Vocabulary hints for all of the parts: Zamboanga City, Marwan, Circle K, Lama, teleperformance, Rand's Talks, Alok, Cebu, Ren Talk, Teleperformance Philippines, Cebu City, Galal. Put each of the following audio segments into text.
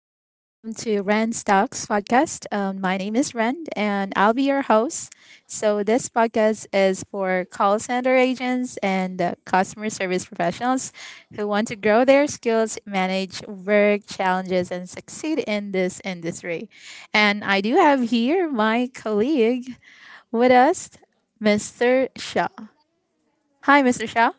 to Rand's Talks podcast. My name is Rand, and I'll be your host. So, this podcast is for call center agents and customer service professionals who want to grow their skills, manage work challenges, and succeed in this industry. And I do have here my colleague with us, Mr. Shaw. Hi, Mr. Shaw.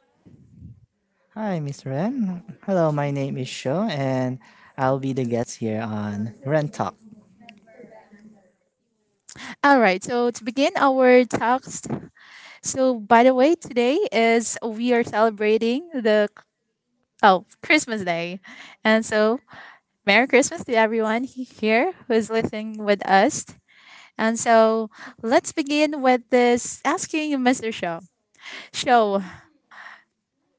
Hi, Miss Ren. Hello, my name is Sho, and I'll be the guest here on Ren Talk. All right, so to begin our talk, so, by the way, today is we are celebrating the oh Christmas Day, and so Merry Christmas to everyone here who is listening with us. And so let's begin with this asking Mr. Show. Show,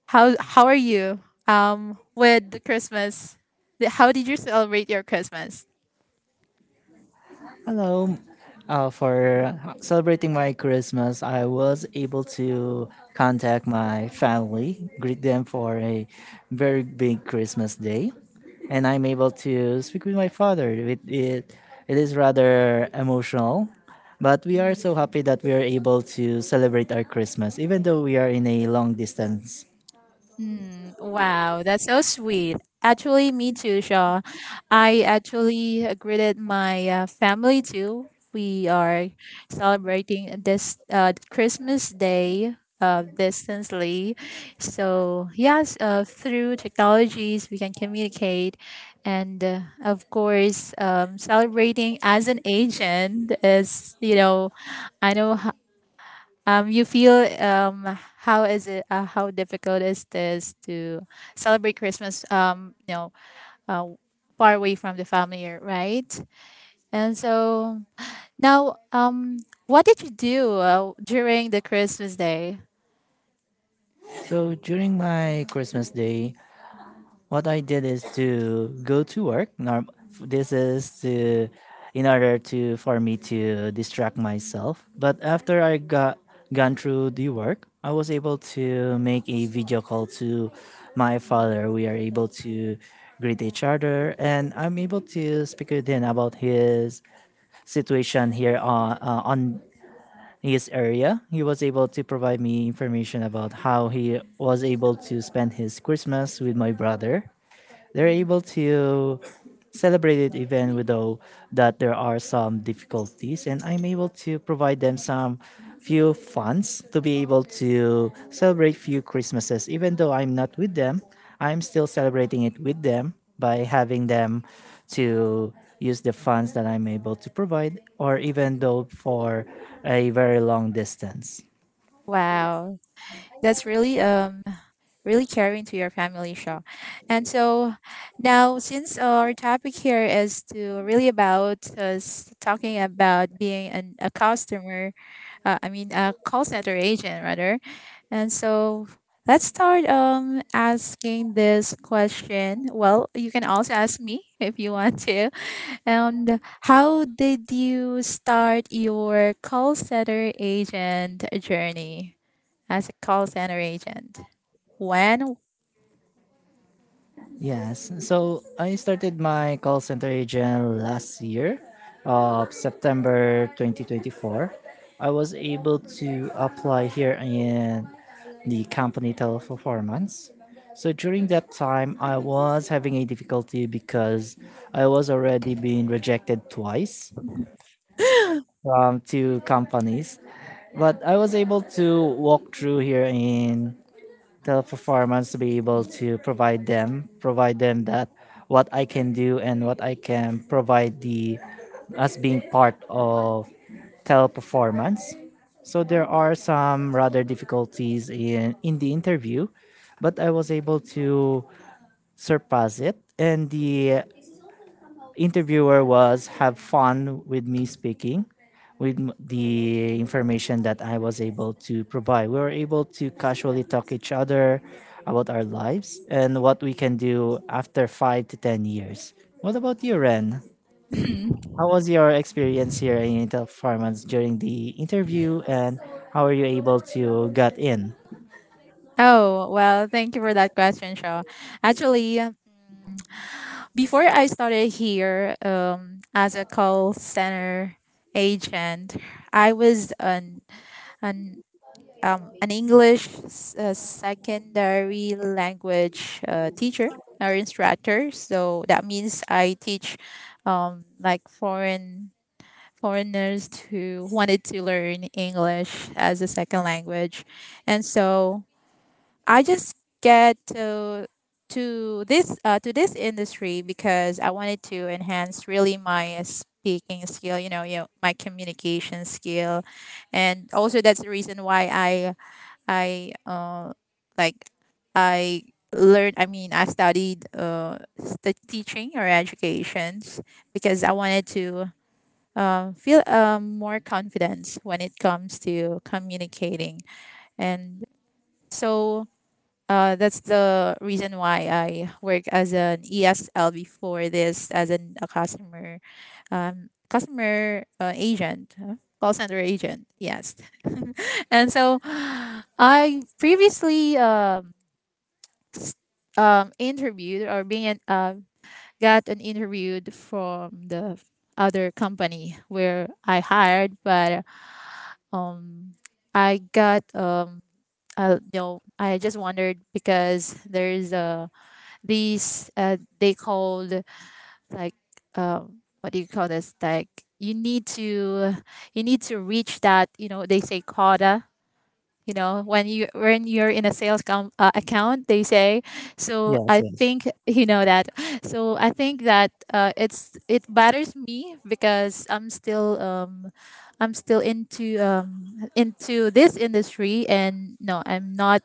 how are you? With the Christmas, how did you celebrate your Christmas? Hello. For celebrating my Christmas, I was able to contact my family, greet them for a very big Christmas day, and I'm able to speak with my father. It is rather emotional, but we are so happy that we are able to celebrate our Christmas, even though we are in a long distance. Mm, wow, that's so sweet. Actually, me too, Shaw. I actually greeted my family too. We are celebrating this Christmas Day distantly. So, yes, through technologies, we can communicate. And of course, celebrating as an agent is, you know, I know you feel how is it how difficult is this to celebrate Christmas uh, far away from the family, right? And so now, what did you do during the Christmas day? So during my Christmas day, what I did is to go to work. This is to in order to for me to distract myself. But after I got gone through the work, I was able to make a video call to my father. We are able to greet each other, and I'm able to speak with him about his situation here on his area. He was able to provide me information about how he was able to spend his Christmas with my brother. They're able to celebrate it even though that there are some difficulties, and I'm able to provide them some few funds to be able to celebrate few Christmases. Even though I'm not with them, I'm still celebrating it with them by having them to use the funds that I'm able to provide or even though for a very long distance. Wow, that's really really caring to your family, Shaw. And so now, since our topic here is to really about us talking about being an, a customer, I mean a call center agent rather. And so let's start asking this question. Well, you can also ask me if you want to. And how did you start your call center agent journey? As a call center agent? When? Yes. So I started my call center agent last year, of September 2024. I was able to apply here in the company teleperformance. So during that time, I was having a difficulty because I was already being rejected twice from two companies. But I was able to walk through here in the performance to be able to provide them that what I can do and what I can provide the as being part of teleperformance. So there are some rather difficulties in the interview, but I was able to surpass it, and the interviewer was have fun with me speaking the information that I was able to provide. We were able to casually talk each other about our lives and what we can do after 5 to 10 years. What about you, Ren? How was your experience here in Intel Farmers during the interview, and how are you able to get in? Oh, well, thank you for that question, Shaw. Actually, before I started here as a call center agent, I was an, an English secondary language teacher or instructor. So that means I teach like foreigners who wanted to learn English as a second language, and so I just get to this industry because I wanted to enhance really my speaking skill, you know, my communication skill, and also that's the reason why I uh, like I learned. I mean, I studied the teaching or educations because I wanted to feel more confidence when it comes to communicating. And so that's the reason why I work as an ESL before this, as a customer agent, call center agent. Yes. And so I previously interviewed or being got an interviewed from the other company where I hired, but um I got you know, I just wondered because there's these they called, like, what do you call this, like, you need to you need to reach that, you know, they say quota, you know, when you when you're in a sales account they say, so Yes, I yes. think, you know that, so I think that it's it bothers me because I'm still into this industry, and no, I'm not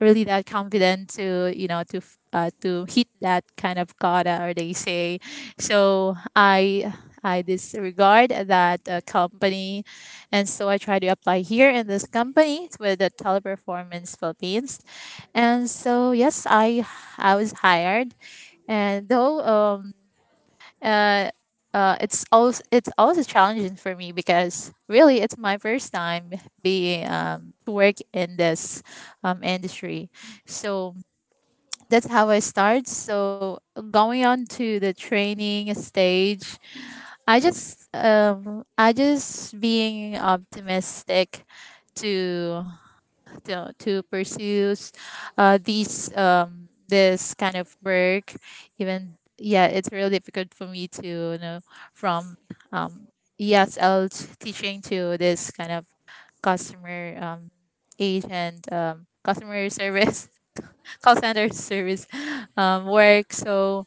really that confident to, you know, to to hit that kind of quota, or they say. So I disregard that company, and so I try to apply here in this company with the Teleperformance Philippines. And so yes, I was hired. And though uh, it's also challenging for me because really it's my first time being to work in this industry. So that's how I start. So going on to the training stage, I just being optimistic to to pursue these this kind of work. Even, yeah, it's really difficult for me to, you know, from um, ESL teaching to this kind of customer agent, customer service call center service work. So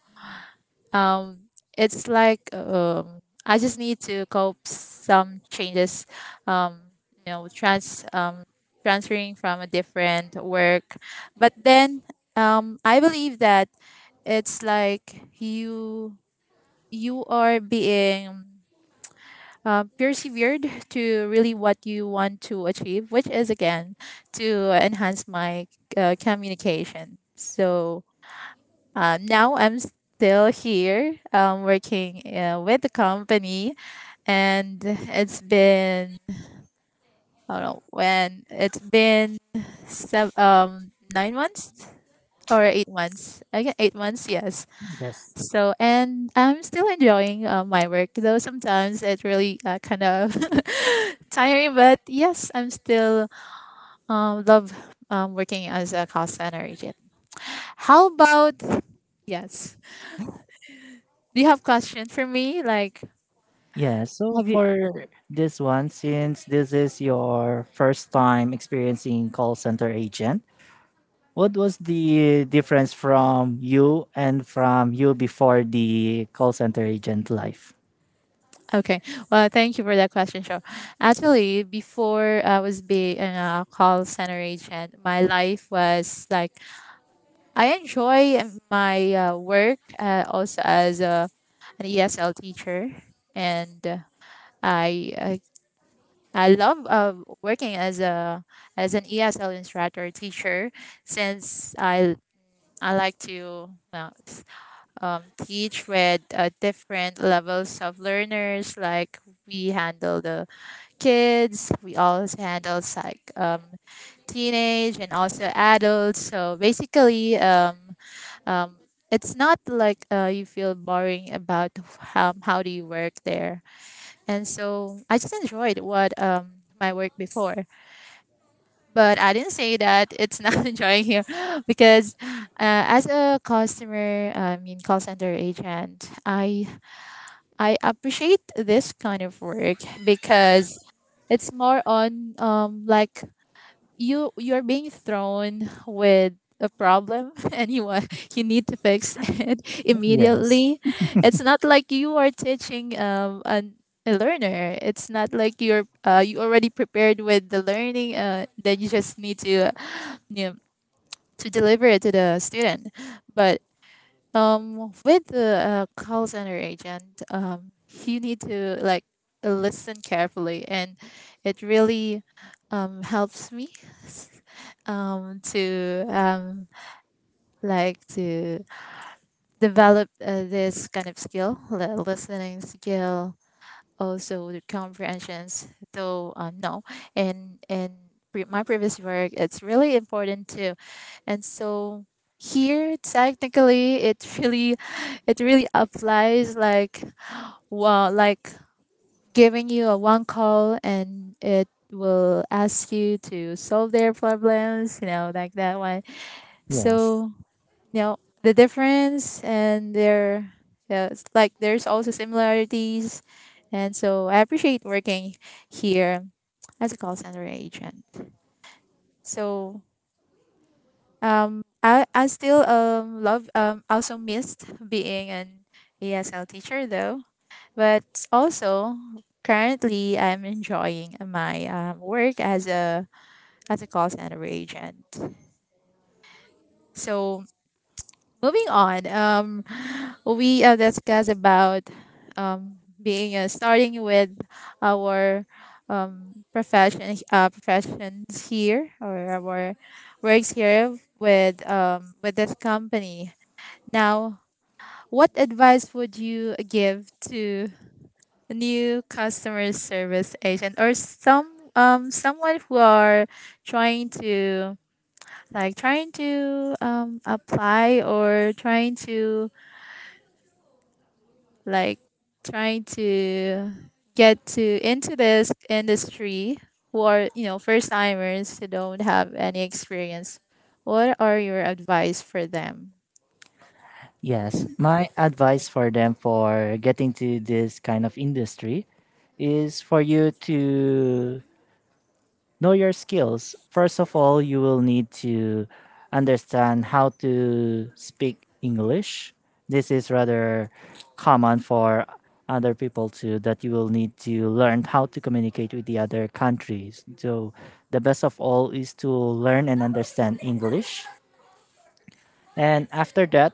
um, it's like, I just need to cope some changes. Um, you know, transferring from a different work, but then I believe that it's like you are being persevered to really what you want to achieve, which is again to enhance my communication. So now I'm still here working with the company, and it's been, I don't know, when it's been seven, 9 months or 8 months. Again, 8 months, yes. Yes. So and I'm still enjoying my work, though sometimes it really kind of tiring. But yes, I'm still love working as a call center agent. How about, yes? Do you have questions for me? Like, Yeah, so have you? for this one, since this is your first time experiencing call center agent, what was the difference from you and from you before the call center agent life? Okay. Well, thank you for that question, Sure. Actually, before I was being a call center agent, my life was like I enjoy my work also as an ESL teacher, and I, I I love working as a as an ESL instructor teacher since I like to. Teach with different levels of learners. Like, we handle the kids, we also handle like teenage and also adults. So basically, um, it's not like you feel boring about how do you work there. And so I just enjoyed what my work before. But I didn't say that it's not enjoying here because as a customer, I mean call center agent, I appreciate this kind of work because it's more on like you're being thrown with a problem and you need to fix it Yes, immediately. It's not like you are teaching an a learner. It's not like you're you already prepared with the learning that you just need to you know, to deliver it to the student. But with the call center agent, you need to, like, listen carefully, and it really helps me to like to develop this kind of skill, listening skill, also the comprehensions, though no and my previous work it's really important too. And so here technically it really it really applies, like, well, like, giving you a one call and it will ask you to solve their problems, you know, like that one. yes, So, you know, the difference and their, yeah, it's like there's also similarities. And so I appreciate working here as a call center agent. So I still love, also missed being an ESL teacher, though. But also currently I'm enjoying my work as a call center agent. So moving on, we discuss about um, being starting with our professions here or our works here with this company. Now, what advice would you give to new customer service agent, or some someone who are trying to, like, trying to apply, or trying to, like, trying to get to into this industry, who are, you know, first timers who don't have any experience? What are your advice for them? yes. My advice for them for getting to this kind of industry is for you to know your skills. First of all, you will need to understand how to speak English. This is rather common for other people too that you will need to learn how to communicate with the other countries. So the best of all is to learn and understand English. And after that,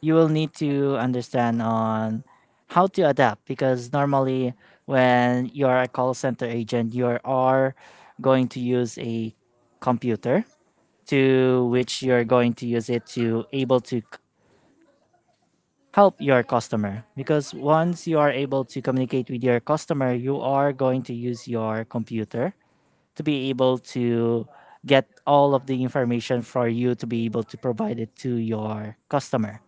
you will need to understand on how to adapt, because normally when you're a call center agent you are going to use a computer, to which you're going to use it to able to help your customer, because once you are able to communicate with your customer you are going to use your computer to be able to get all of the information for you to be able to provide it to your customer.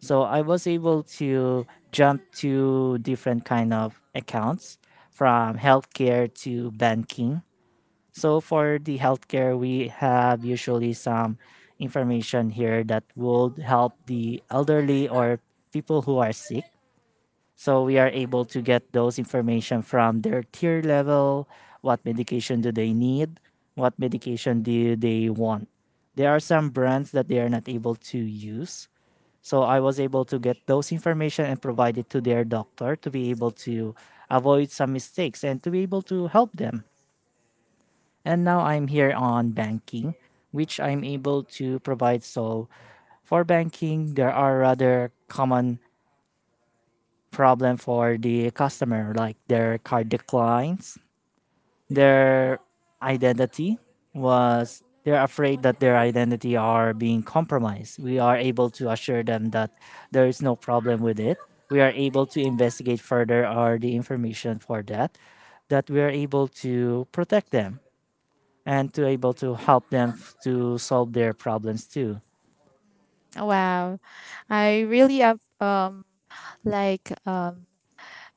So I was able to jump to different kind of accounts, from healthcare to banking. So for the healthcare, we have usually some information here that would help the elderly or people who are sick. So we are able to get those information from their tier level, what medication do they need, what medication do they want. There are some brands that they are not able to use. So I was able to get those information and provide it to their doctor to be able to avoid some mistakes and to be able to help them. And now I'm here on banking, which I'm able to provide. So for banking, there are rather common problem for the customer, like their card declines, their identity was they're afraid that their identity are being compromised. We are able to assure them that there is no problem with it. We are able to investigate further or the information for that, that we are able to protect them and to able to help them to solve their problems too. Wow, I really like um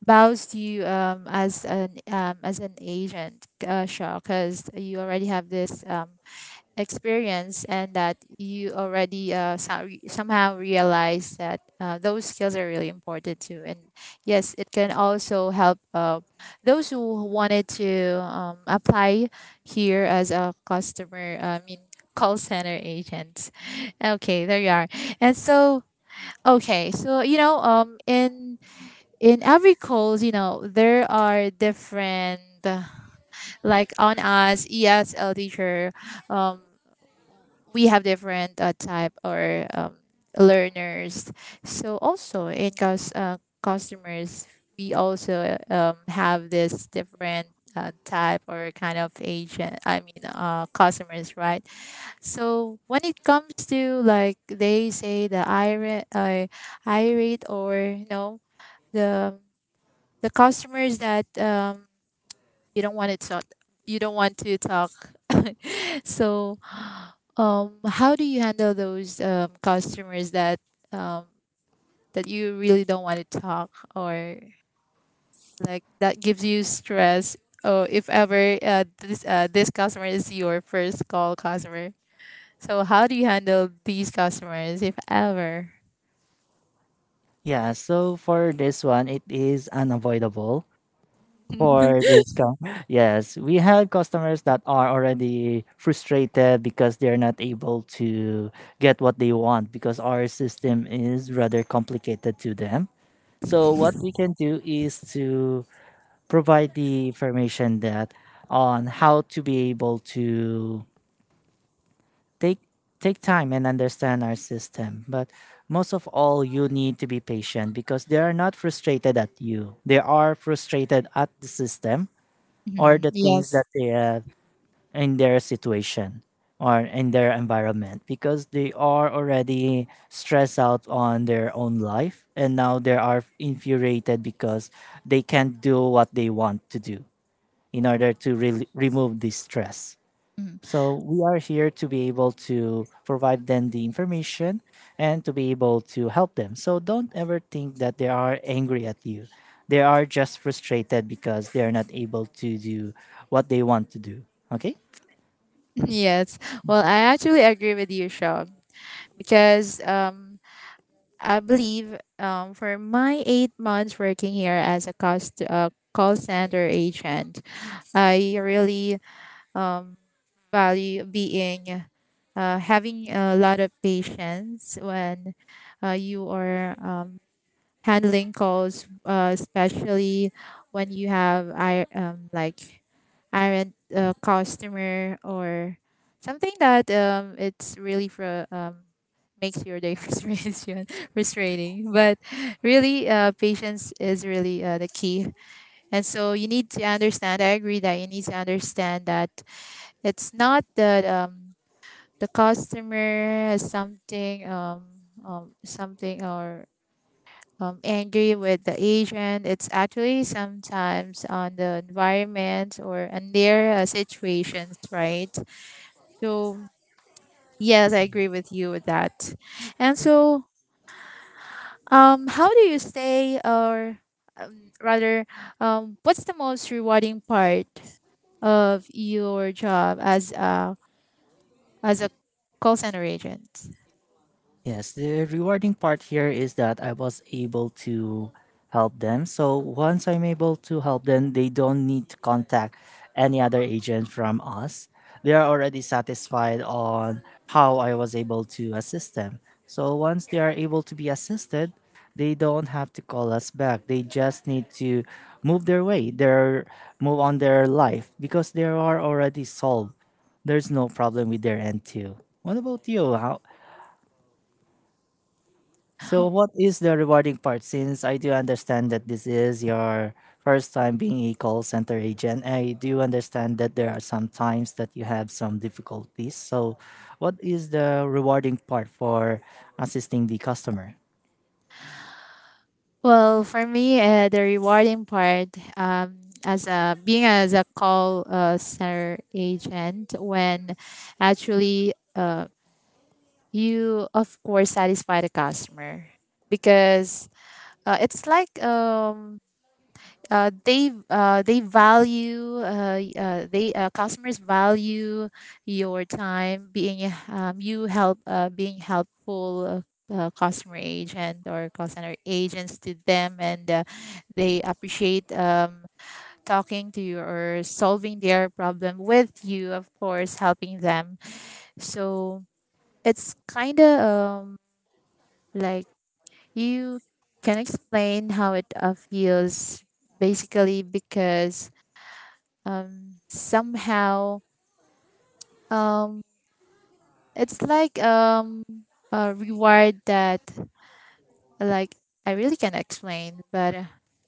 bows to you as an agent, Shaw, because you already have this experience, and that you already somehow realize that those skills are really important too. And yes, it can also help those who wanted to apply here as a customer I mean call center agent. Okay, there you are. And so, okay, so you know, in every calls, you know, there are different like on us ESL teacher, um we have different type or learners. So also in customers, we also have this different type or kind of agent. I mean, customers, right? So when it comes to, like, they say the irate, irate, or, you know, the the customers that you don't want to talk, you don't want to talk. So how do you handle those customers that um, that you really don't want to talk, or like that gives you stress? Or if ever this customer is your first call customer, so how do you handle these customers if ever? Yeah, so for this one, it is unavoidable for this com- yes, we have customers that are already frustrated because they're not able to get what they want because our system is rather complicated to them. So what we can do is to provide the information that on how to be able to take take time and understand our system. But most of all you need to be patient because they are not frustrated at you, they are frustrated at the system or Mhm. the things Yes. that they have in their situation or in their environment, because they are already stressed out on their own life and now they are infuriated because they can't do what they want to do in order to remove this stress. Mhm. So we are here to be able to provide them the information and to be able to help them. So don't ever think that they are angry at you. They are just frustrated because they are not able to do what they want to do. Okay? Yes. Well, I actually agree with you, Sean, because I believe for my 8 months working here as a cost call center agent, I really um, value being having a lot of patience when you are handling calls, especially when you have I like are customer or something that it's really for makes your day frustration frustrating. But really, patience is really the key, and so you need to understand, I agree that you need to understand that it's not that the customer has something something or angry with the agent. It's actually sometimes on the environment or on their situations, right? So yes, I agree with you with that. And so how do you stay, or rather, what's the most rewarding part of your job as a call center agent? Yes, the rewarding part here is that I was able to help them. So once I'm able to help them, they don't need to contact any other agent from us. They are already satisfied on how I was able to assist them. So once they are able to be assisted, they don't have to call us back. They just need to move their way, their move on their life because they are already solved, there's no problem with their end too. What about you? How so, what is the rewarding part? Since I do understand that this is your first time being a call center agent, I do understand that there are some times that you have some difficulties. So, what is the rewarding part for assisting the customer? Well, for me, the rewarding part as a being as a call center agent when actually you of course satisfy the customer because it's like they value they customers value your time being you help being helpful customer agent or call center agents to them, and they appreciate talking to you or solving their problem with you, of course helping them. So it's kind of like you can explain how it feels basically, because somehow um it's like a reward that, like, I really can't explain, but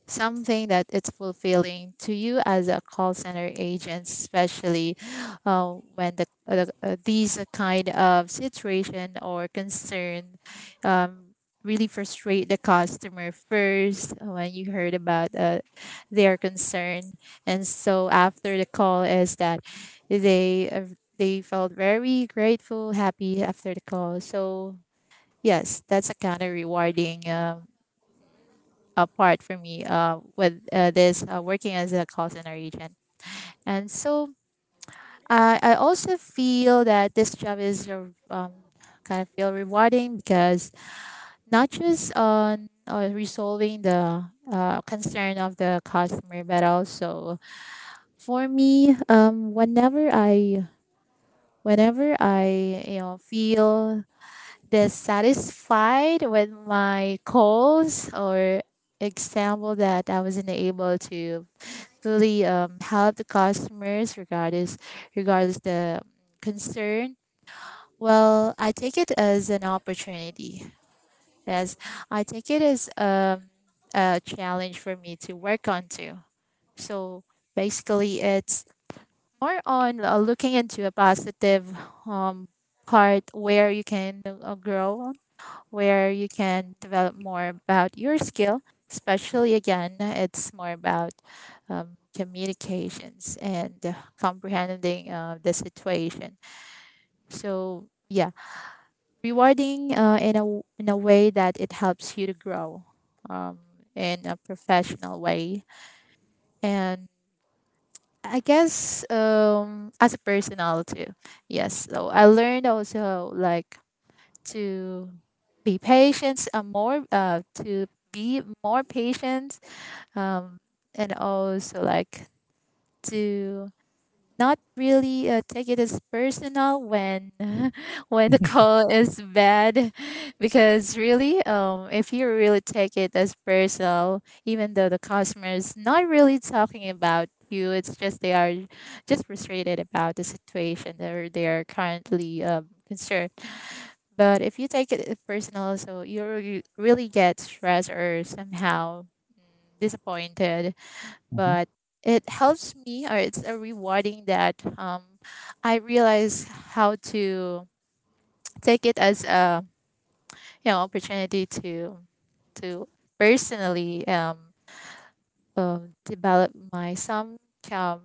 something that it's fulfilling to you as a call center agent, especially when the, these kind of situation or concern um, really frustrate the customer first when you heard about their concern, and so after the call is that they. Uh, they felt very grateful, happy after the call. So yes, that's a kind of rewarding part for me with this working as a call center agent. And so I also feel that this job is kind of feel rewarding because not just on resolving the concern of the customer, but also for me, whenever I you know feel dissatisfied with my goals, or example that I wasn't able to fully help the customers regardless regardless the concern. Well, I take it as an opportunity. Yes, I take it as a challenge for me to work on too. So basically, it's more on looking into a positive um, part where you can grow, where you can develop more about your skill. Especially again, it's more about communications and comprehending the situation. So yeah, rewarding in a in a way that it helps you to grow um, in a professional way, and I guess as a personal too. Yes, so I learned also like to be patient more to be more patient, um, and also like to not really take it as personal when when the call is bad, because really if you really take it as personal even though the customer is not really talking about you, it's just they are just frustrated about the situation, or they are currently concerned. But if you take it personal, so you really get stressed or somehow disappointed. But it helps me, or it's a rewarding that I realize how to take it as a you know opportunity to personally develop my some um,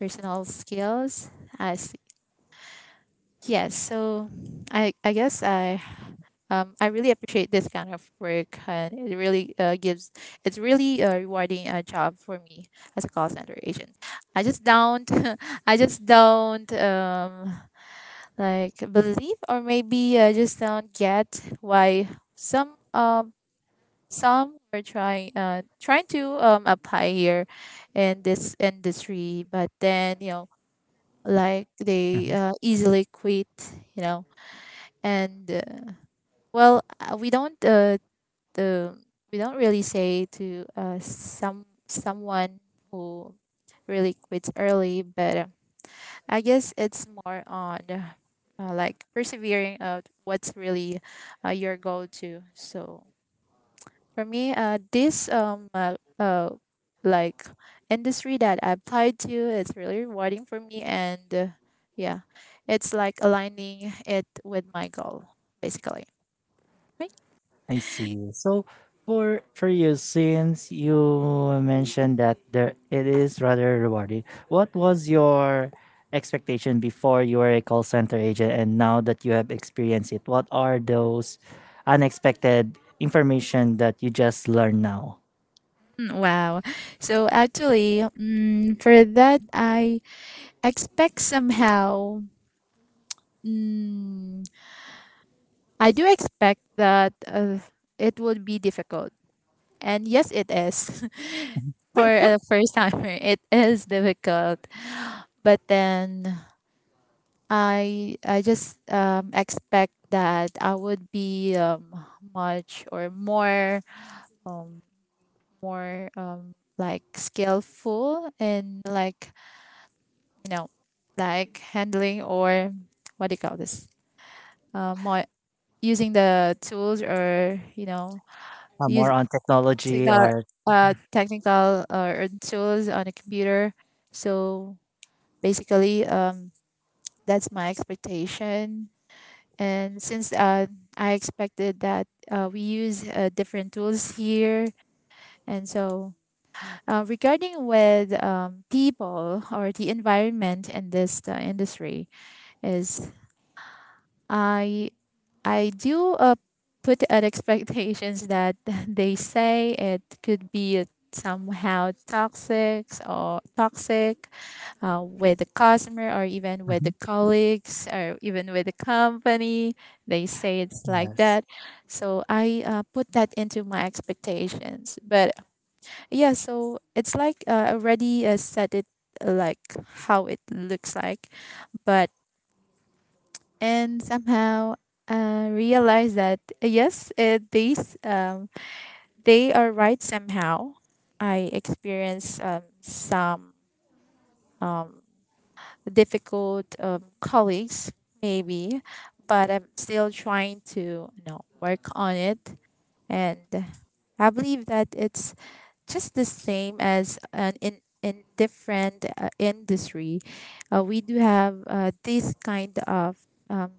personal skills. As yes, so I guess I really appreciate this kind of work, and it really gives, it's really a rewarding job for me as a call center agent. I just don't, I just don't like, believe, or maybe I just don't get why some um some are trying trying to apply here in this industry, but then you know, like they easily quit, you know, and well we don't the we don't really say to some someone who really quits early. But I guess it's more on like persevering out what's really your goal too. So for me this like industry that I applied to, it's really rewarding for me, and yeah, it's like aligning it with my goal basically. I see. So for you, since you mentioned that there it is rather rewarding, what was your expectation before you were a call center agent and now that you have experienced it? What are those unexpected information that you just learned now? Wow. So actually, for that, I expect somehow, mm, I do expect that it would be difficult. And yes, it is. For a first timer, it is difficult. But then I just expect that I would be much or more, um, like skillful and like, no, like handling or what do you call this? More using the tools or you know, More use on technology technical or technical or tools on a computer. So basically, that's my expectation. And since I expected that we use different tools here, and so regarding with people or the environment in this industry is, I I do put at expectations that they say it could be somehow toxic or toxic with the customer or even with the Mhm. colleagues or even with the company. They say it's like Yes. that. So I put that into my expectations. But yeah, so it's like already set it like how it looks like. But and somehow realize that yes, these they are right somehow. I experienced some um, difficult colleagues maybe, but I'm still trying to you know work on it, and I believe that it's just the same as an in different industry, we do have this kind of um,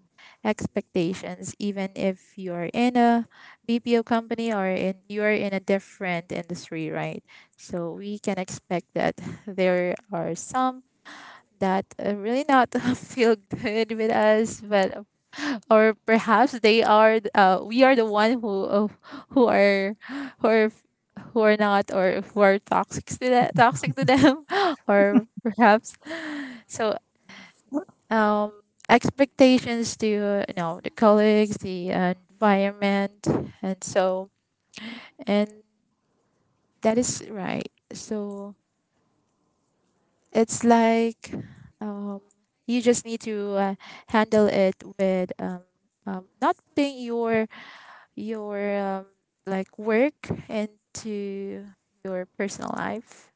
expectations, even if you're in a BPO company or in you're in a different industry, right? So we can expect that there are some that really not feel good with us, but or perhaps they are we are the one who are who are who are not, or who are toxic to them or perhaps. So um expectations to you know the colleagues, the environment, and so and that is right. So it's like um you just need to handle it with not putting your your um, like work and to your personal life,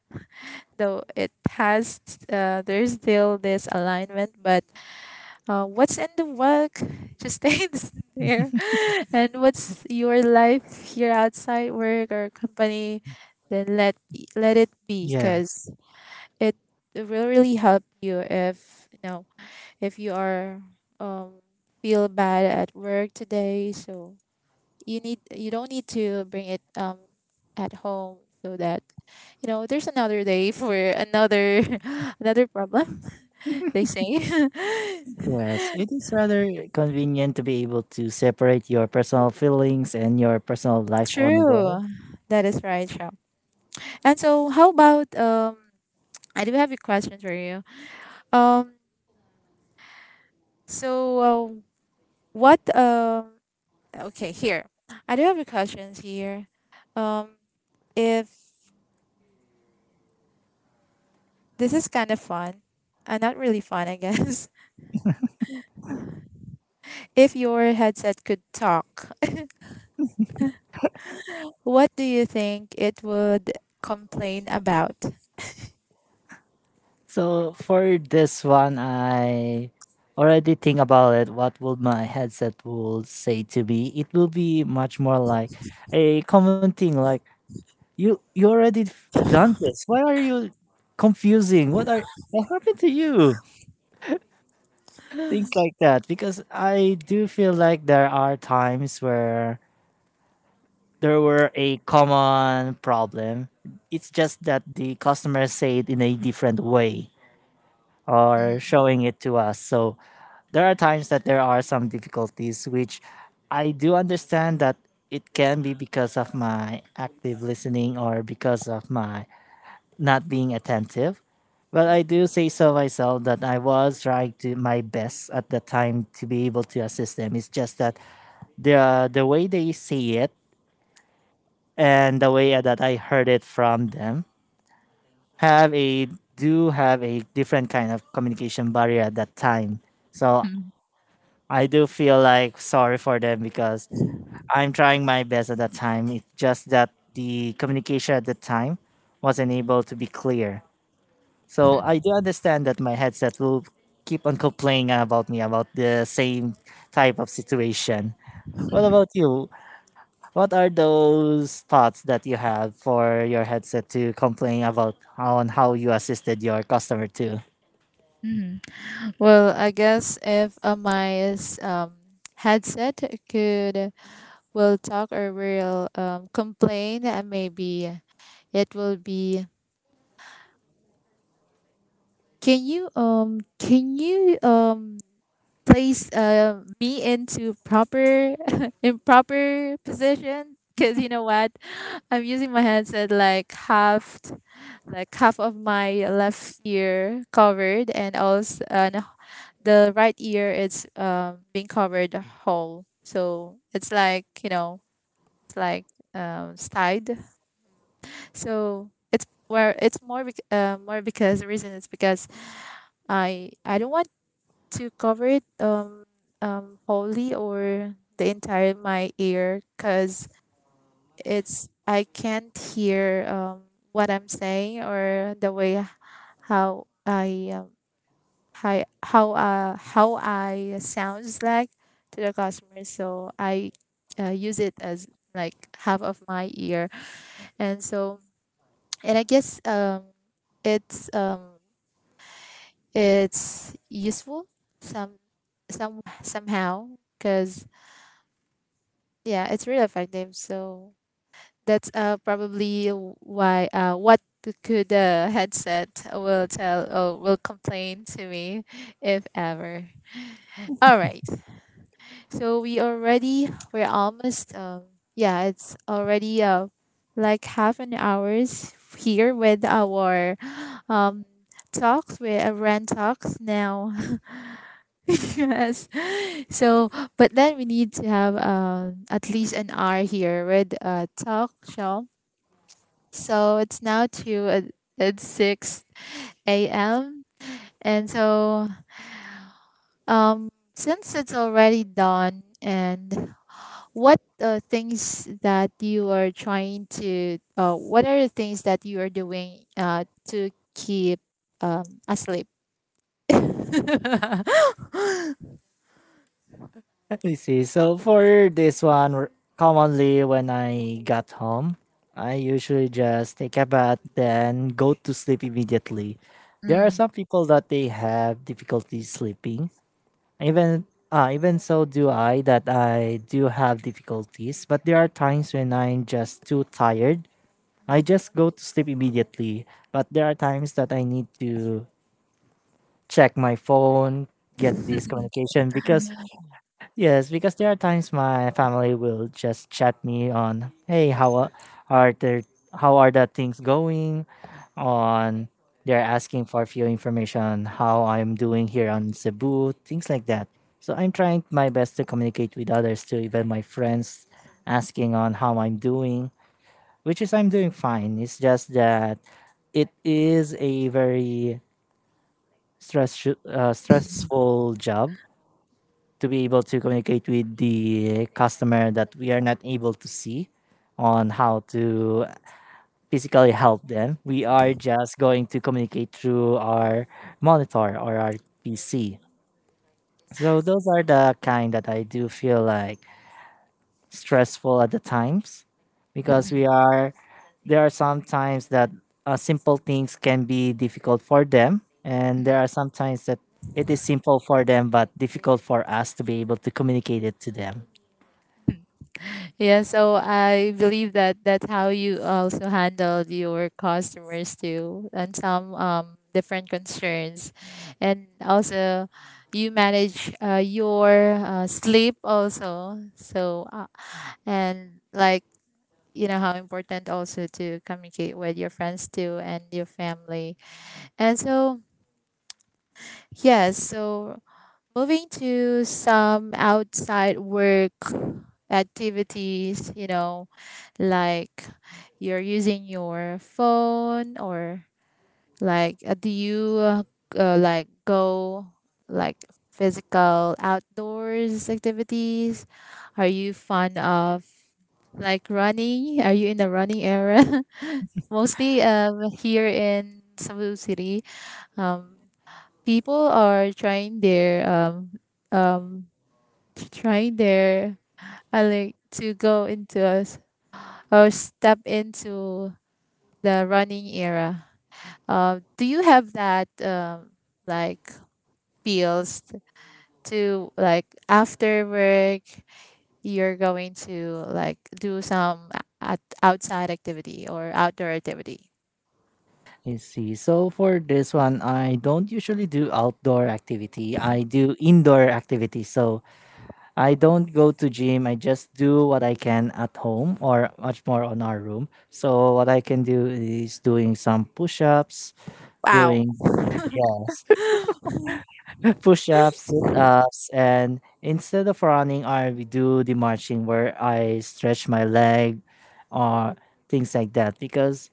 though it has there's still this alignment, but what's in the work just stays there, and what's your life here outside work or company, then let be, let it be, Yes, because it will really help you if you know if you are um feel bad at work today, so you don't need to bring it at home, so that you know there's another day for another another problem they say. yes. It is rather convenient to be able to separate your personal feelings and your personal life on work. True. That is right, Shao. And so how about I do have a question for you. um so what okay, here I do have a questions here. um if this is kind of fun, not really fun I guess. If your headset could talk, what do you think it would complain about? So for this one, I already think about it. What will my headset will say to me? It will be much more like a common thing. Like you already done this. Why are you confusing? What happened to you? Things like that. Because I do feel like there are times where there were a common problem. It's just that the customer said in a different way or showing it to us. So there are times that there are some difficulties, which I do understand that it can be because of my active listening or because of my not being attentive. But I do say so myself that I was trying to my best at the time to be able to assist them. It's just that the way they say it and the way that I heard it from them have a do have a different kind of communication barrier at that time. So Hmm. I do feel like sorry for them because I'm trying my best at that time. It's just that the communication at the time wasn't able to be clear. So I do understand that my headset will keep on complaining about me about the same type of situation. What about you? What are those thoughts that you have for your headset to complain about how and how you assisted your customer too? Mhm. Well, I guess if my headset could, will talk or will complain, maybe it will be, can you can you place me into proper improper position? 'Cause you know what, I'm using my headset like half of my left ear covered, and also and the right ear is being covered whole, so it's like you know it's like side. So it's where it's more more because the reason is because I don't want to cover it wholly or the entire my ear, because it's I can't hear what I'm saying or the way how I how how I sounds like to the customer. So I use it as like half of my ear, and so and I guess it's um it's useful some somehow because yeah, it's really effective. So that's probably why what could the headset will tell or will complain to me if ever. All right. So we already we're almost yeah, it's already like half an hours here with our um talks with rent talks now. Yes. So but then we need to have at least an hour here with talk show. So it's now to it's six a.m. And so um since it's already dawn, and what things that you are trying to, what are the things that you are doing to keep asleep? I see. So for this one, commonly when I got home, I usually just take a bath, then go to sleep immediately. There are Mm. some people that they have difficulty sleeping. Even even so do I that I do have difficulties, but there are times when I'm just too tired. I just go to sleep immediately. But there are times that I need to check my phone, get this communication because yes, because there are times my family will just chat me on, hey, are there, how are the things going? On they're asking for a few information, how I'm doing here on Cebu, things like that. So I'm trying my best to communicate with others too, even my friends, asking on how I'm doing, which is I'm doing fine. It's just that it is a very stressful job to be able to communicate with the customer that we are not able to see on how to physically help them. We are just going to communicate through our monitor or our PC. So those are the kind that I do feel like stressful at the times because we are there are some times that simple things can be difficult for them, and there are some times that it is simple for them but difficult for us to be able to communicate it to them. Yeah, so I believe that that's how you also handled your customers too, and some different concerns, and also you manage your sleep also. So and like, you know how important also to communicate with your friends too and your family. And so, yes, so moving to some outside work activities, you know, like you're using your phone or like do you like go like physical outdoors activities? Are you fond of like running? Are you in the running era? Mostly, here in Cebu City, um, people are trying um, their like to go into us or step into the running era. Do you have that, like, feels to like after work you're going to like do some at outside activity or outdoor activity? I see. So for this one, I don't usually do outdoor activity. I do indoor activity. So I don't go to gym. I just do what I can at home or much more on our room. So what I can do is doing some push-ups, Wow. doing yes, push-ups, sit-ups, and instead of running, I do the marching where I stretch my leg or things like that because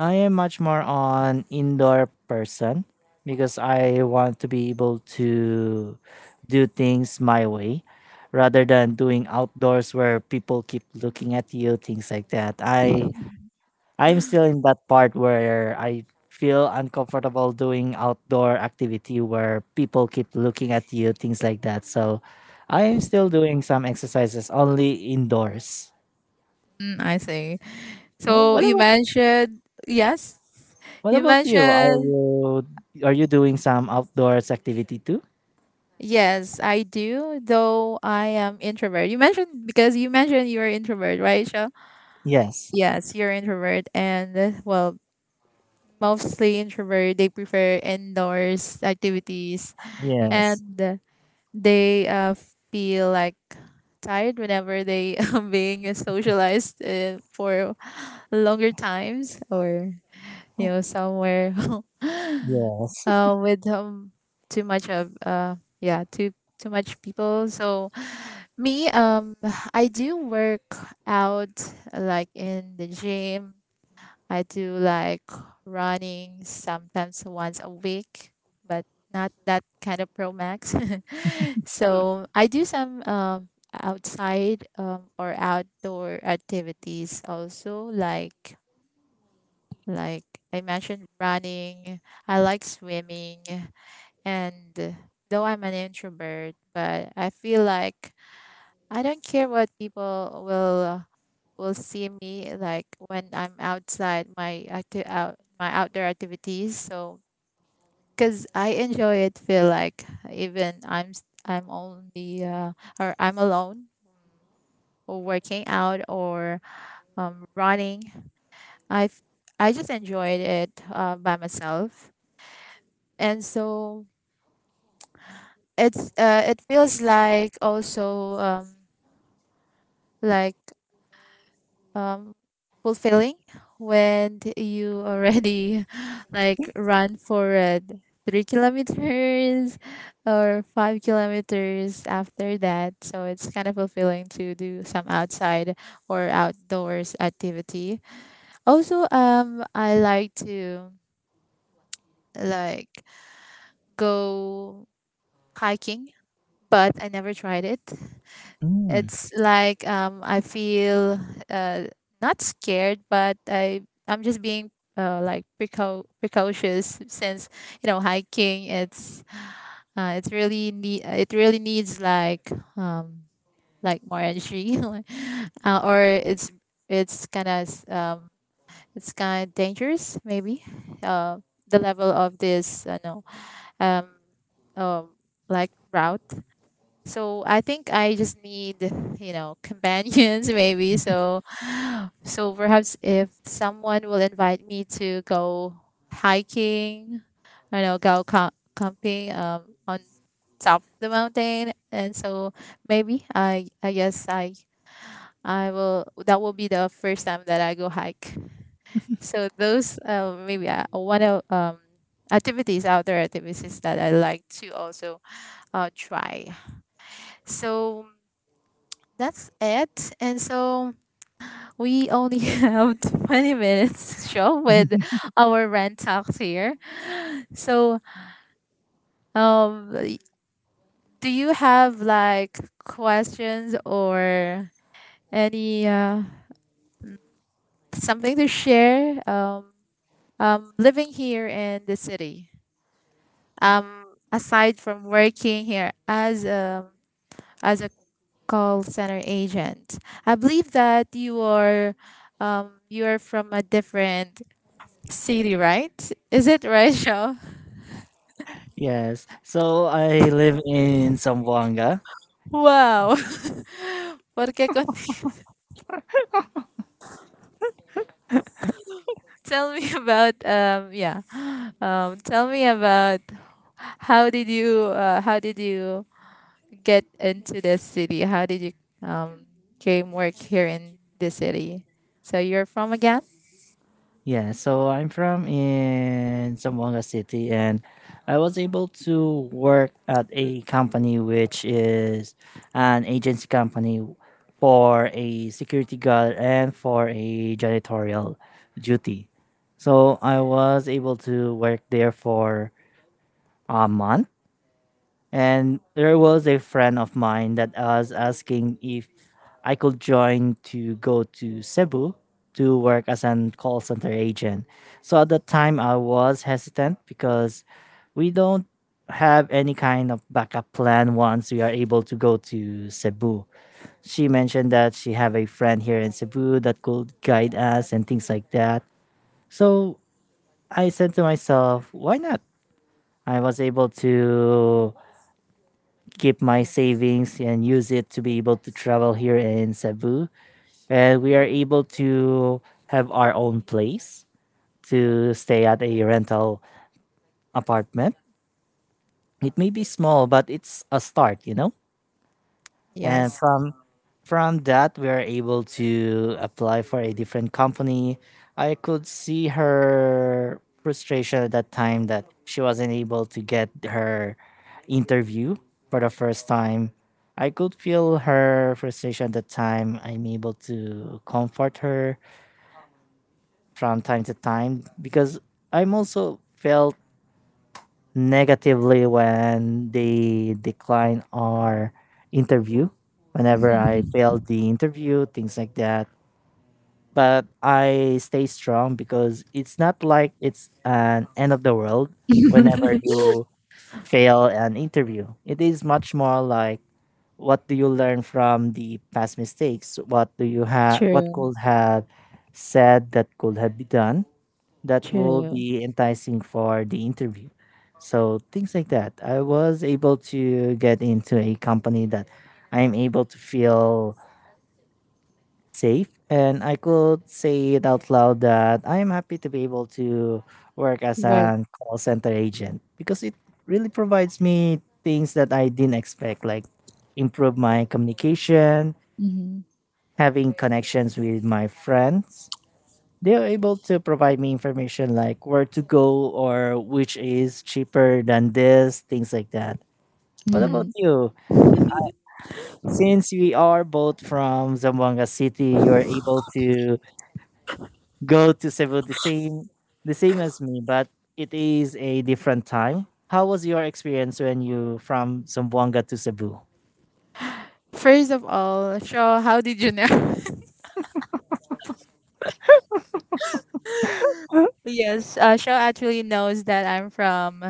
I am much more on indoor person because I want to be able to do things my way rather than doing outdoors where people keep looking at you, things like that. I'm still in that part where I feel uncomfortable doing outdoor activity where people keep looking at you, things like that. So I am still doing some exercises only indoors. Mm, I see. Well, So what you about mentioned. Yes. What You about you? Are mentioned. you are you doing some outdoors activity too? Yes, I do, though I am introvert. Because you mentioned you're introvert, right, Shell? Yes. Yes, you're introvert, and well, mostly introvert, they prefer indoors activities, Yes. and they feel like tired whenever they are being socialized for longer times or, you know, somewhere Yes. with too much of, yeah, too much people. So me, I do work out like in the gym. I do like running sometimes, once a week, but not that kind of pro max. So I do some, outside, or outdoor activities, also like, like I mentioned, running. I like swimming, and though I'm an introvert, but I feel like I don't care what people will see me like when I'm outside my active out my outdoor activities. So because I enjoy it, feel like even I'm only, or I'm alone or working out or, running. I f- I just enjoyed it by myself. And so it feels like also, like, um fulfilling when you already like run for it 3 kilometers or 5 kilometers after that, so it's kind of fulfilling to do some outside or outdoors activity. Also, I like to like go hiking, but I never tried it. Mm, It's like, I feel uh, not scared, but I'm just being, like, precocious, since, you know, hiking. It really needs like, um like, more energy, or it's kind of um it's kind of dangerous maybe. Uh, the level of this, no um um like, route. So I think I just need, you know, companions maybe. So perhaps if someone will invite me to go hiking, I know, go camping, on top of the mountain, and so maybe I guess I will that will be the first time that I go hike. So those, maybe, one of, activities outdoor activities that I like to also try. So that's it. And so we only have 20 minutes show with our rent talks here. So, um, y- do you have like questions or any, something to share? Living here in the city, um, aside from working here as a call center agent, I believe that you are, you are from a different city, right? Is it right, Rachel? yes. So I live in Zamboanga. Wow. Porque tell me about, yeah. Tell me about, how did you get into this city? How did you, um came work here in the city? So you're from again? Yeah, so I'm from in Zamboanga City, and I was able to work at a company which is an agency company for a security guard and for a janitorial duty. So I was able to work there for a month, and there was a friend of mine that was asking if I could join to go to Cebu to work as an call center agent. So at that time, I was hesitant because we don't have any kind of backup plan once we are able to go to Cebu. She mentioned that she have a friend here in Cebu that could guide us and things like that. So I said to myself, why not? I was able to keep my savings and use it to be able to travel here in Cebu. And we are able to have our own place to stay at a rental apartment. It may be small, but it's a start, you know? And Yes. from that we are able to apply for a different company. I could see her frustration at that time that she wasn't able to get her interview for the first time. I could feel her frustration at the time. I'm able to comfort her from time to time because I'm also felt negatively when they decline our interview, whenever I failed the interview, things like that. But I stay strong because it's not like it's an end of the world. Whenever you fail an interview, it is much more like what do you learn from the past mistakes, what do you have, what True, could have said that could have been done that will true. be enticing for the interview. So things like that. I was able to get into a company that I'm able to feel safe, and I could say it out loud that I'm happy to be able to work as But an call center agent because it really provides me things that I didn't expect, like improve my communication, mhm, having connections with my friends. They're able to provide me information like where to go or which is cheaper than this, things like that. What about mhm. you? Since we are both from Zamboanga City, you're able to go to Cebu the same as me, but it is a different time. How was your experience when you from Zamboanga to Cebu? First of all, Shaw, how did you know? Yes, Shaw actually knows that I'm from,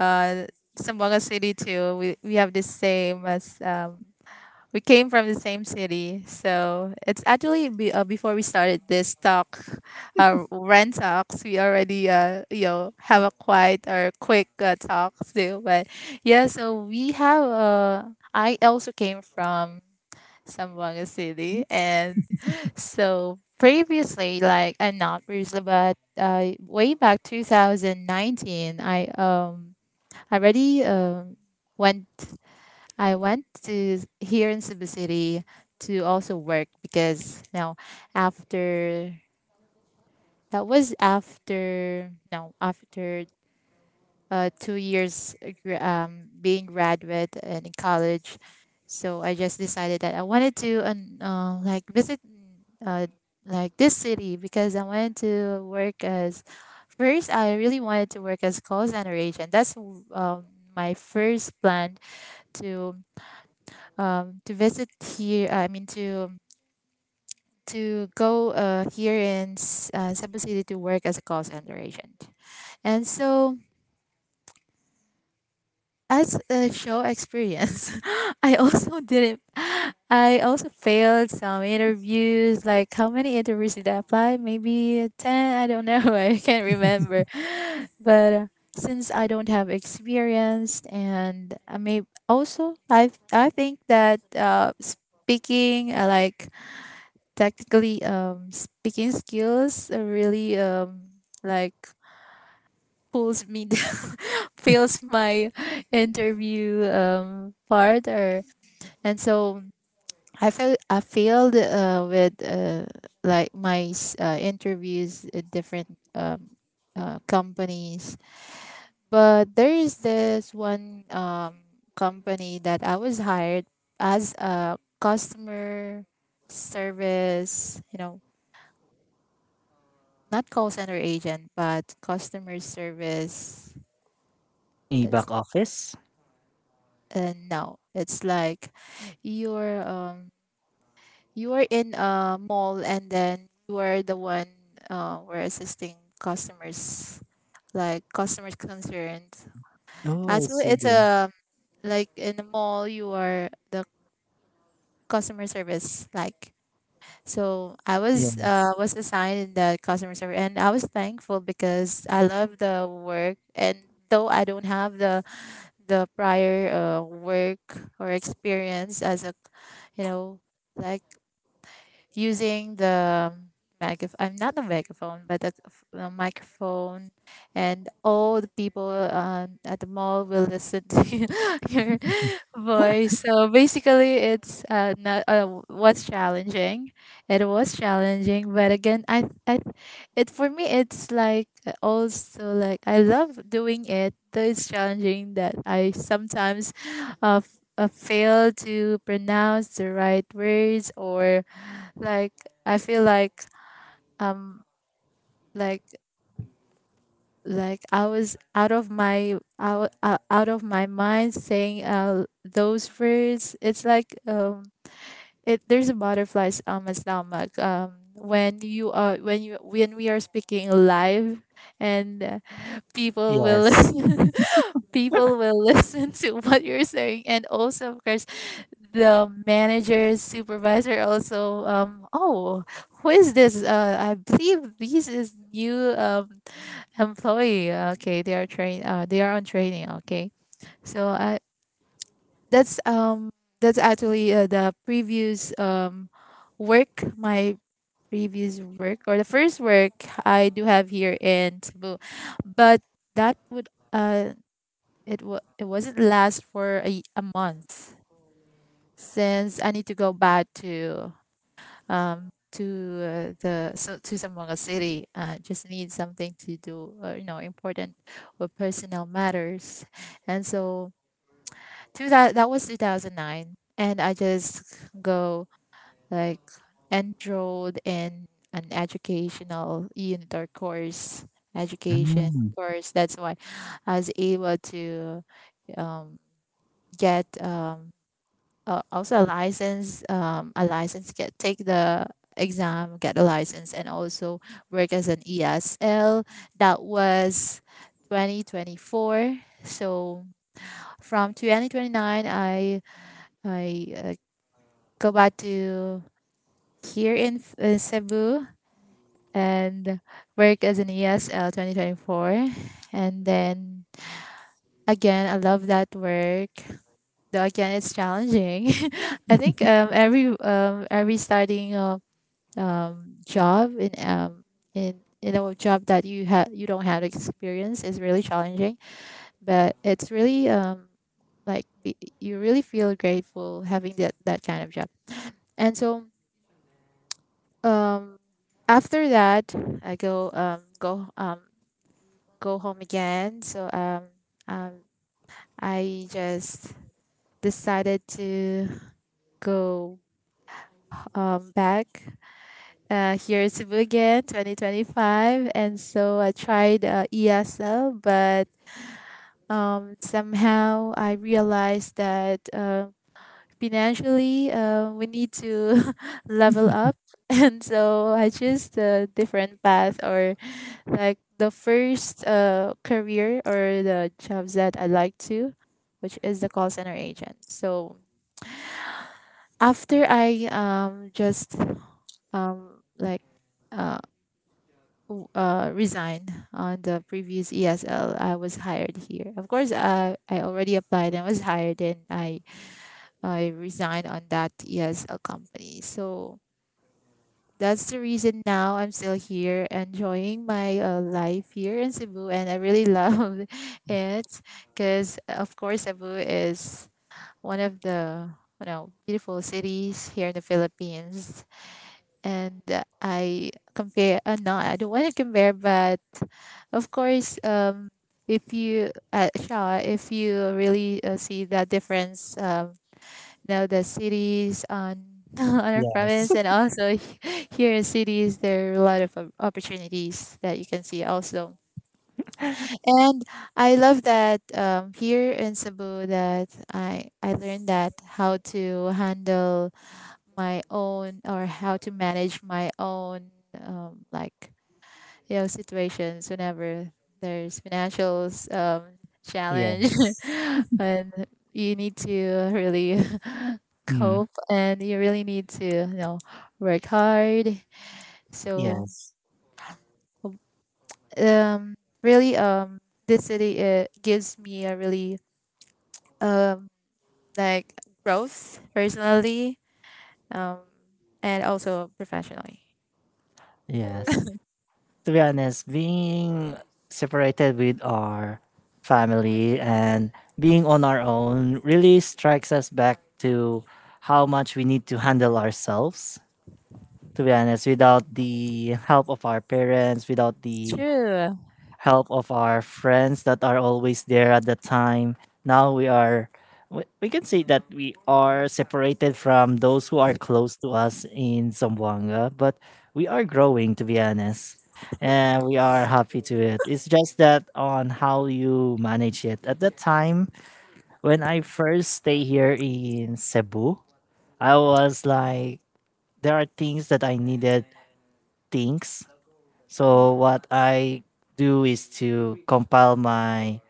uh, Zamboanga City too. We have the same as, we came from the same city, so it's actually be, before we started this talk, rent talks. We already, you know, have a quite or quick, talk too, but yeah. So we have, I also came from Zamboanga City, and so previously, like, I'm not previously, but way back 2019, I already, went. I went to here in Cebu City to also work, because now, after, that was after, no, after, 2 years, being graduate and in college. So I just decided that I wanted to, like visit, uh, like this city, because I wanted to work as, first I really wanted to work as call center agent. That's, my first plan to, visit here. I mean, to go, here in Cebu City to work as a call center agent. And so, as a show experience, I also didn't. I also failed some interviews. Like, how many interviews did I apply? Maybe 10. I don't know. I can't remember. But since I don't have experience, and I may also, I think that, speaking, like, technically, speaking skills, really, like, pulls me down, fails my interview, part, or, and so I felt I failed, with, like, my interviews at different, companies. But there is this one, company that I was hired as a customer service, you know, not call center agent, but customer service. A It's back office? No, It's like you're, you are in a mall, and then you are the one, we're assisting customers, like customers concerns. Oh, I Actually, see. it's a, like, in the mall you are the customer service, like. So I Yeah. was uh was assigned in the customer service, and I was thankful because I love the work. And though I don't have the prior, work or experience as a, you know, like, using the megaphone. I'm not the megaphone, but the microphone, and all the people, at the mall will listen to your voice. So basically, it's, not, what's challenging. It was challenging, but again, I it for me it's like, also like, I love doing it. Though it's challenging that I sometimes, fail to pronounce the right words, or like, I feel like, um like, I was out of my mind saying, those words. It's like, it, there's a butterflies on my stomach, when you are, when we are speaking live, and, people will Yes. listen, people will listen to what you're saying, and also, of course, the manager, supervisor also, oh, who is this, I believe this is new, employee, okay, they are train they are on training, okay. So i that's, that's actually, the previous, work my previous work, or the first work I do have here in Cebu. But that would it wa it wasn't last for a month, since I need to go back to, to the so to Zamboanga City. Just need something to do, you know, important or personal matters. And so to that, that was 2009, and I just go like enrolled in an educational unit, or course, education Mm, course. That's why I was able to, um, get, also, a license get take the exam, get a license, and also work as an ESL. That was 2024. So from 2029, I go back to here in Cebu and work as an ESL 2024. And then, again, I love that work. Though, again, it's challenging. I think, every, every starting, job in, in a job that you have, you don't have experience, is really challenging. But it's really, like, you really feel grateful having that kind of job. And so, um, after that, I go home again. So, um, I just decided to go, back, here in Cebu again, 2025. And so I tried, ESL, but, somehow I realized that, financially, we need to level up. And so I choose the different path, or like, the first, career, or the jobs that I like to, which is the call center agent. So after I, just, um, like uh, resigned on the previous ESL, I was hired here. Of course, I already applied and was hired, and I resigned on that ESL company. So that's the reason now I'm still here, enjoying my, life here in Cebu, and I really love it, because, of course, Cebu is one of the, you know, beautiful cities here in the Philippines. And I compare. No, I don't want to compare, but of course, if you, Shaw, if you really, see the difference, now the cities on on our yes. province, and also here in cities, there are a lot of opportunities that you can see also. And I love that, here in Cebu, that I learned that how to handle my own, or how to manage my own, like, you know, situations, whenever there's financials, challenge Yes. and you need to really Mm, cope, and you really need to, you know, work hard. So, yes. um really, this city, it gives me a really, um like, growth personally, um and also professionally. Yes. To be honest, being separated with our family and being on our own really strikes us back to how much we need to handle ourselves. To be honest, without the help of our parents, without the True. help of our friends that are always there at the time. Now we are, we can say that we are separated from those who are close to us in Zamboanga, but we are growing, to be honest. And we are happy to it. It's just that on how you manage it. At the time, when I first stay here in Cebu, I was like, there are things that I needed things, so what I do is to compile my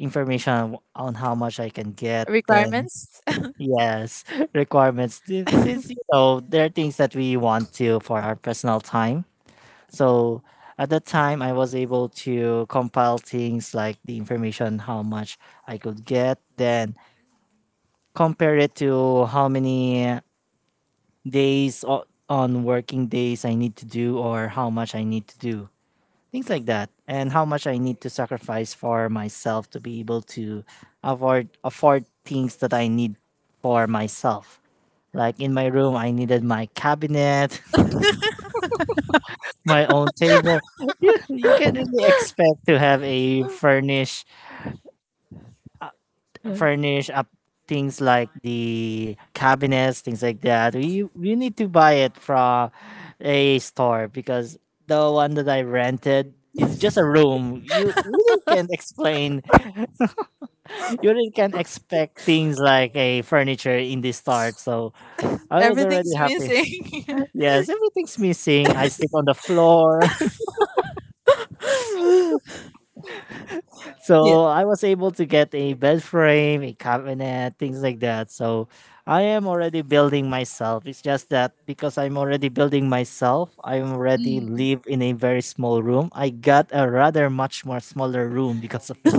information on how much I can get. Then Requirements. yes, requirements. Thi- Since you know there are things that we want to for our personal time. So at that time, I was able to compile things like the information how much I could get. Then compare it to how many days o- on working days I need to do or how much I need to do, things like that, and how much I need to sacrifice for myself to be able to afford things that I need for myself, like in my room I needed my cabinet, my own table. You can really expect to have a furnish up, things like the cabinets, things like that. We need to buy it from a store because the one that I rented is just a room. You really can't explain, you really can expect things like a furniture in the start. So I was Everything's already happy. missing. Yes, everything's missing. I sleep on the floor. Yeah. So I was able to get a bed frame, a cabinet, things like that. So I am already building myself. It's just that because I'm already building myself, I already Mm. live in a very small room. I got a rather much more smaller room because of it.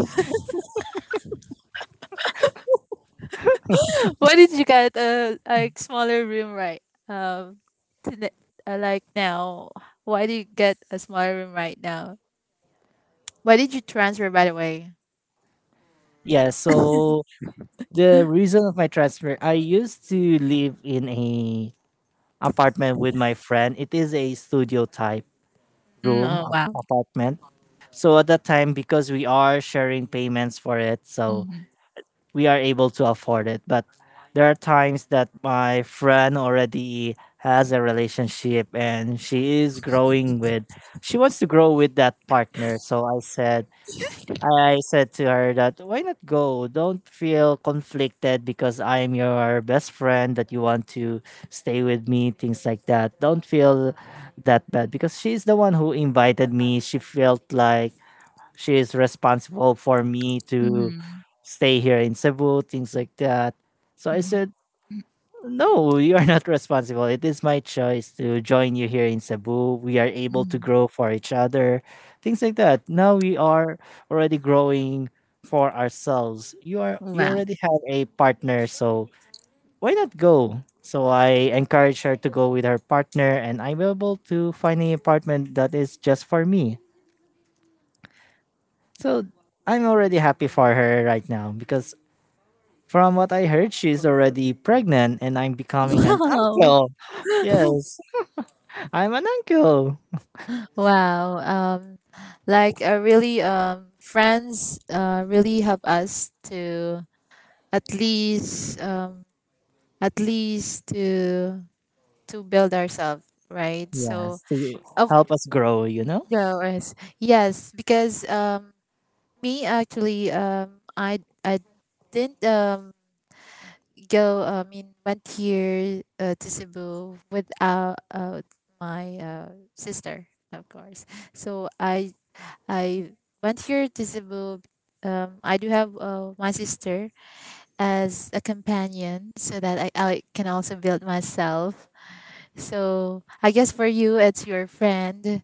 Why did you get a like smaller room, right? Um, Today, like now, why do you get a smaller room right now? Why did you transfer, by the way? Yeah, so the reason of my transfer, I used to live in a apartment with my friend. It is a studio type Mm, room oh ap- wow. apartment. So at that time, because we are sharing payments for it, so Hmm. we are able to afford it. But there are times that my friend already has a relationship and she is growing with she wants to grow with that partner. So I said to her that why not go? Don't feel conflicted because I am your best friend that you want to stay with me, things like that. Don't feel that bad because she's the one who invited me. She felt like she is responsible for me to Hmm. stay here in Cebu, things like that. So I Hmm. said, no, you are not responsible. It is my choice to join you here in Cebu. We are able to grow for each other, things like that. Now we are already growing for ourselves. You are you Wow. already have a partner, so why not go? So I encourage her to go with her partner, and I'm able to find an apartment that is just for me. So I'm already happy for her right now because from what I heard, she's already pregnant, and I'm becoming an Wow. uncle. Yes. I'm an uncle. Wow. Um, like, really, friends, really help us to at least, at least to build ourselves, right? So Yes, to of help us grow, you know? course, yes, because, me actually, I didn't, go, I mean, went here, to Cebu without, my, sister, of course. So I went here to Cebu, I do have, my sister as a companion, so that I can also build myself. So I guess for you, it's your friend,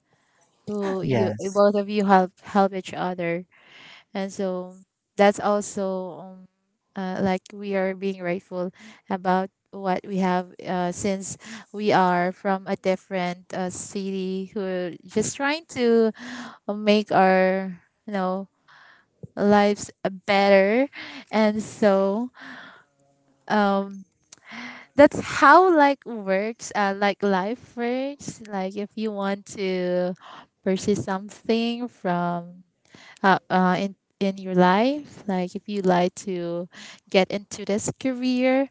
who you Yes, both of you help each other, and so that's also, um, like, we are being grateful about what we have, since we are from a different, city, who are just trying to make our, you know, lives better. And so, um that's how, like life works. Like, if you want to pursue something from, in your life, like, if you like to get into this career,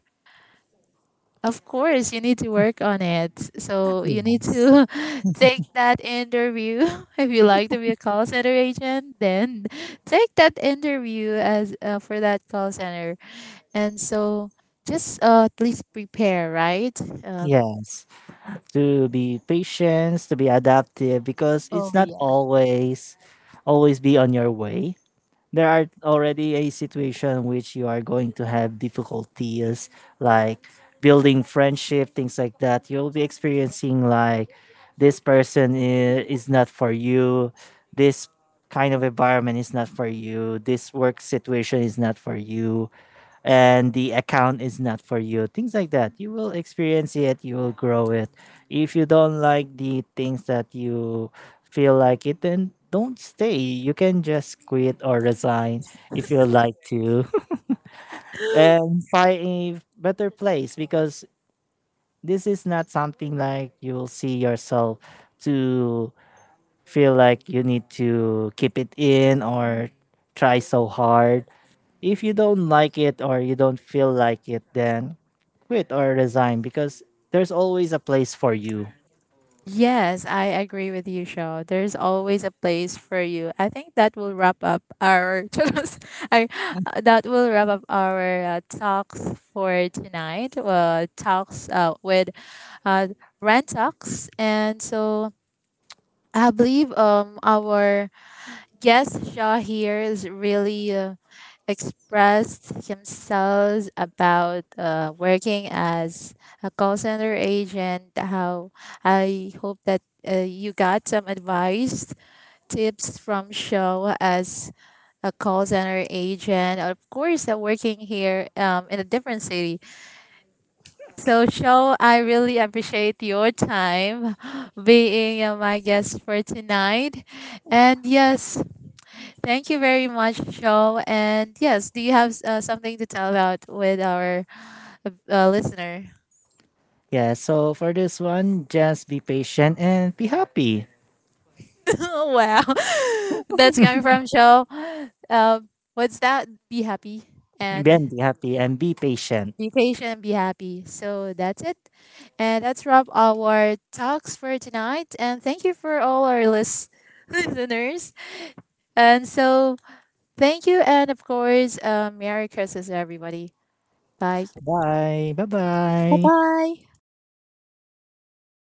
of course you need to work on it. So you need yes, to take that interview. If you like to be a call center agent, then take that interview, as, for that call center. And so, just, at least prepare, right? Yes. To be patient, to be adaptive, because Oh, it's not yeah. always, always be on your way. There are already a situation which you are going to have difficulties, like building friendship, things like that. You'll be experiencing like this person is not for you, this kind of environment is not for you, this work situation is not for you, and the account is not for you. Things like that. You will experience it, you will grow it. If you don't like the things that you feel like it, then don't stay. You can just quit or resign if you like to and find a better place because this is not something like you will see yourself to feel like you need to keep it in or try so hard. If you don't like it or you don't feel like it, then quit or resign because there's always a place for you. Yes, I agree with you, Shaw. There's always a place for you. I think that will wrap up our Charos. I, that will wrap up our, talks for tonight. Talks, with, uh, Rant Talks. And so I believe, our. Yes, Shahir is really, expressed himself about, working as a call center agent. How, I hope that, you got some advice, tips from Show as a call center agent. Of course, working here, in a different city. So, Show, I really appreciate your time being, my guest for tonight. And yes, thank you very much, Joe. And yes, do you have, something to tell about with our, listener? Yeah, so for this one, just be patient and be happy. Wow, that's coming from Joe. Um, what's that? Be happy and Then be happy and be patient. be patient and be happy. So that's it. And that's wrap our talks for tonight. And thank you for all our listeners. And so, thank you. And of course, Merry Christmas, everybody. Bye. Bye. Bye bye. Bye-bye.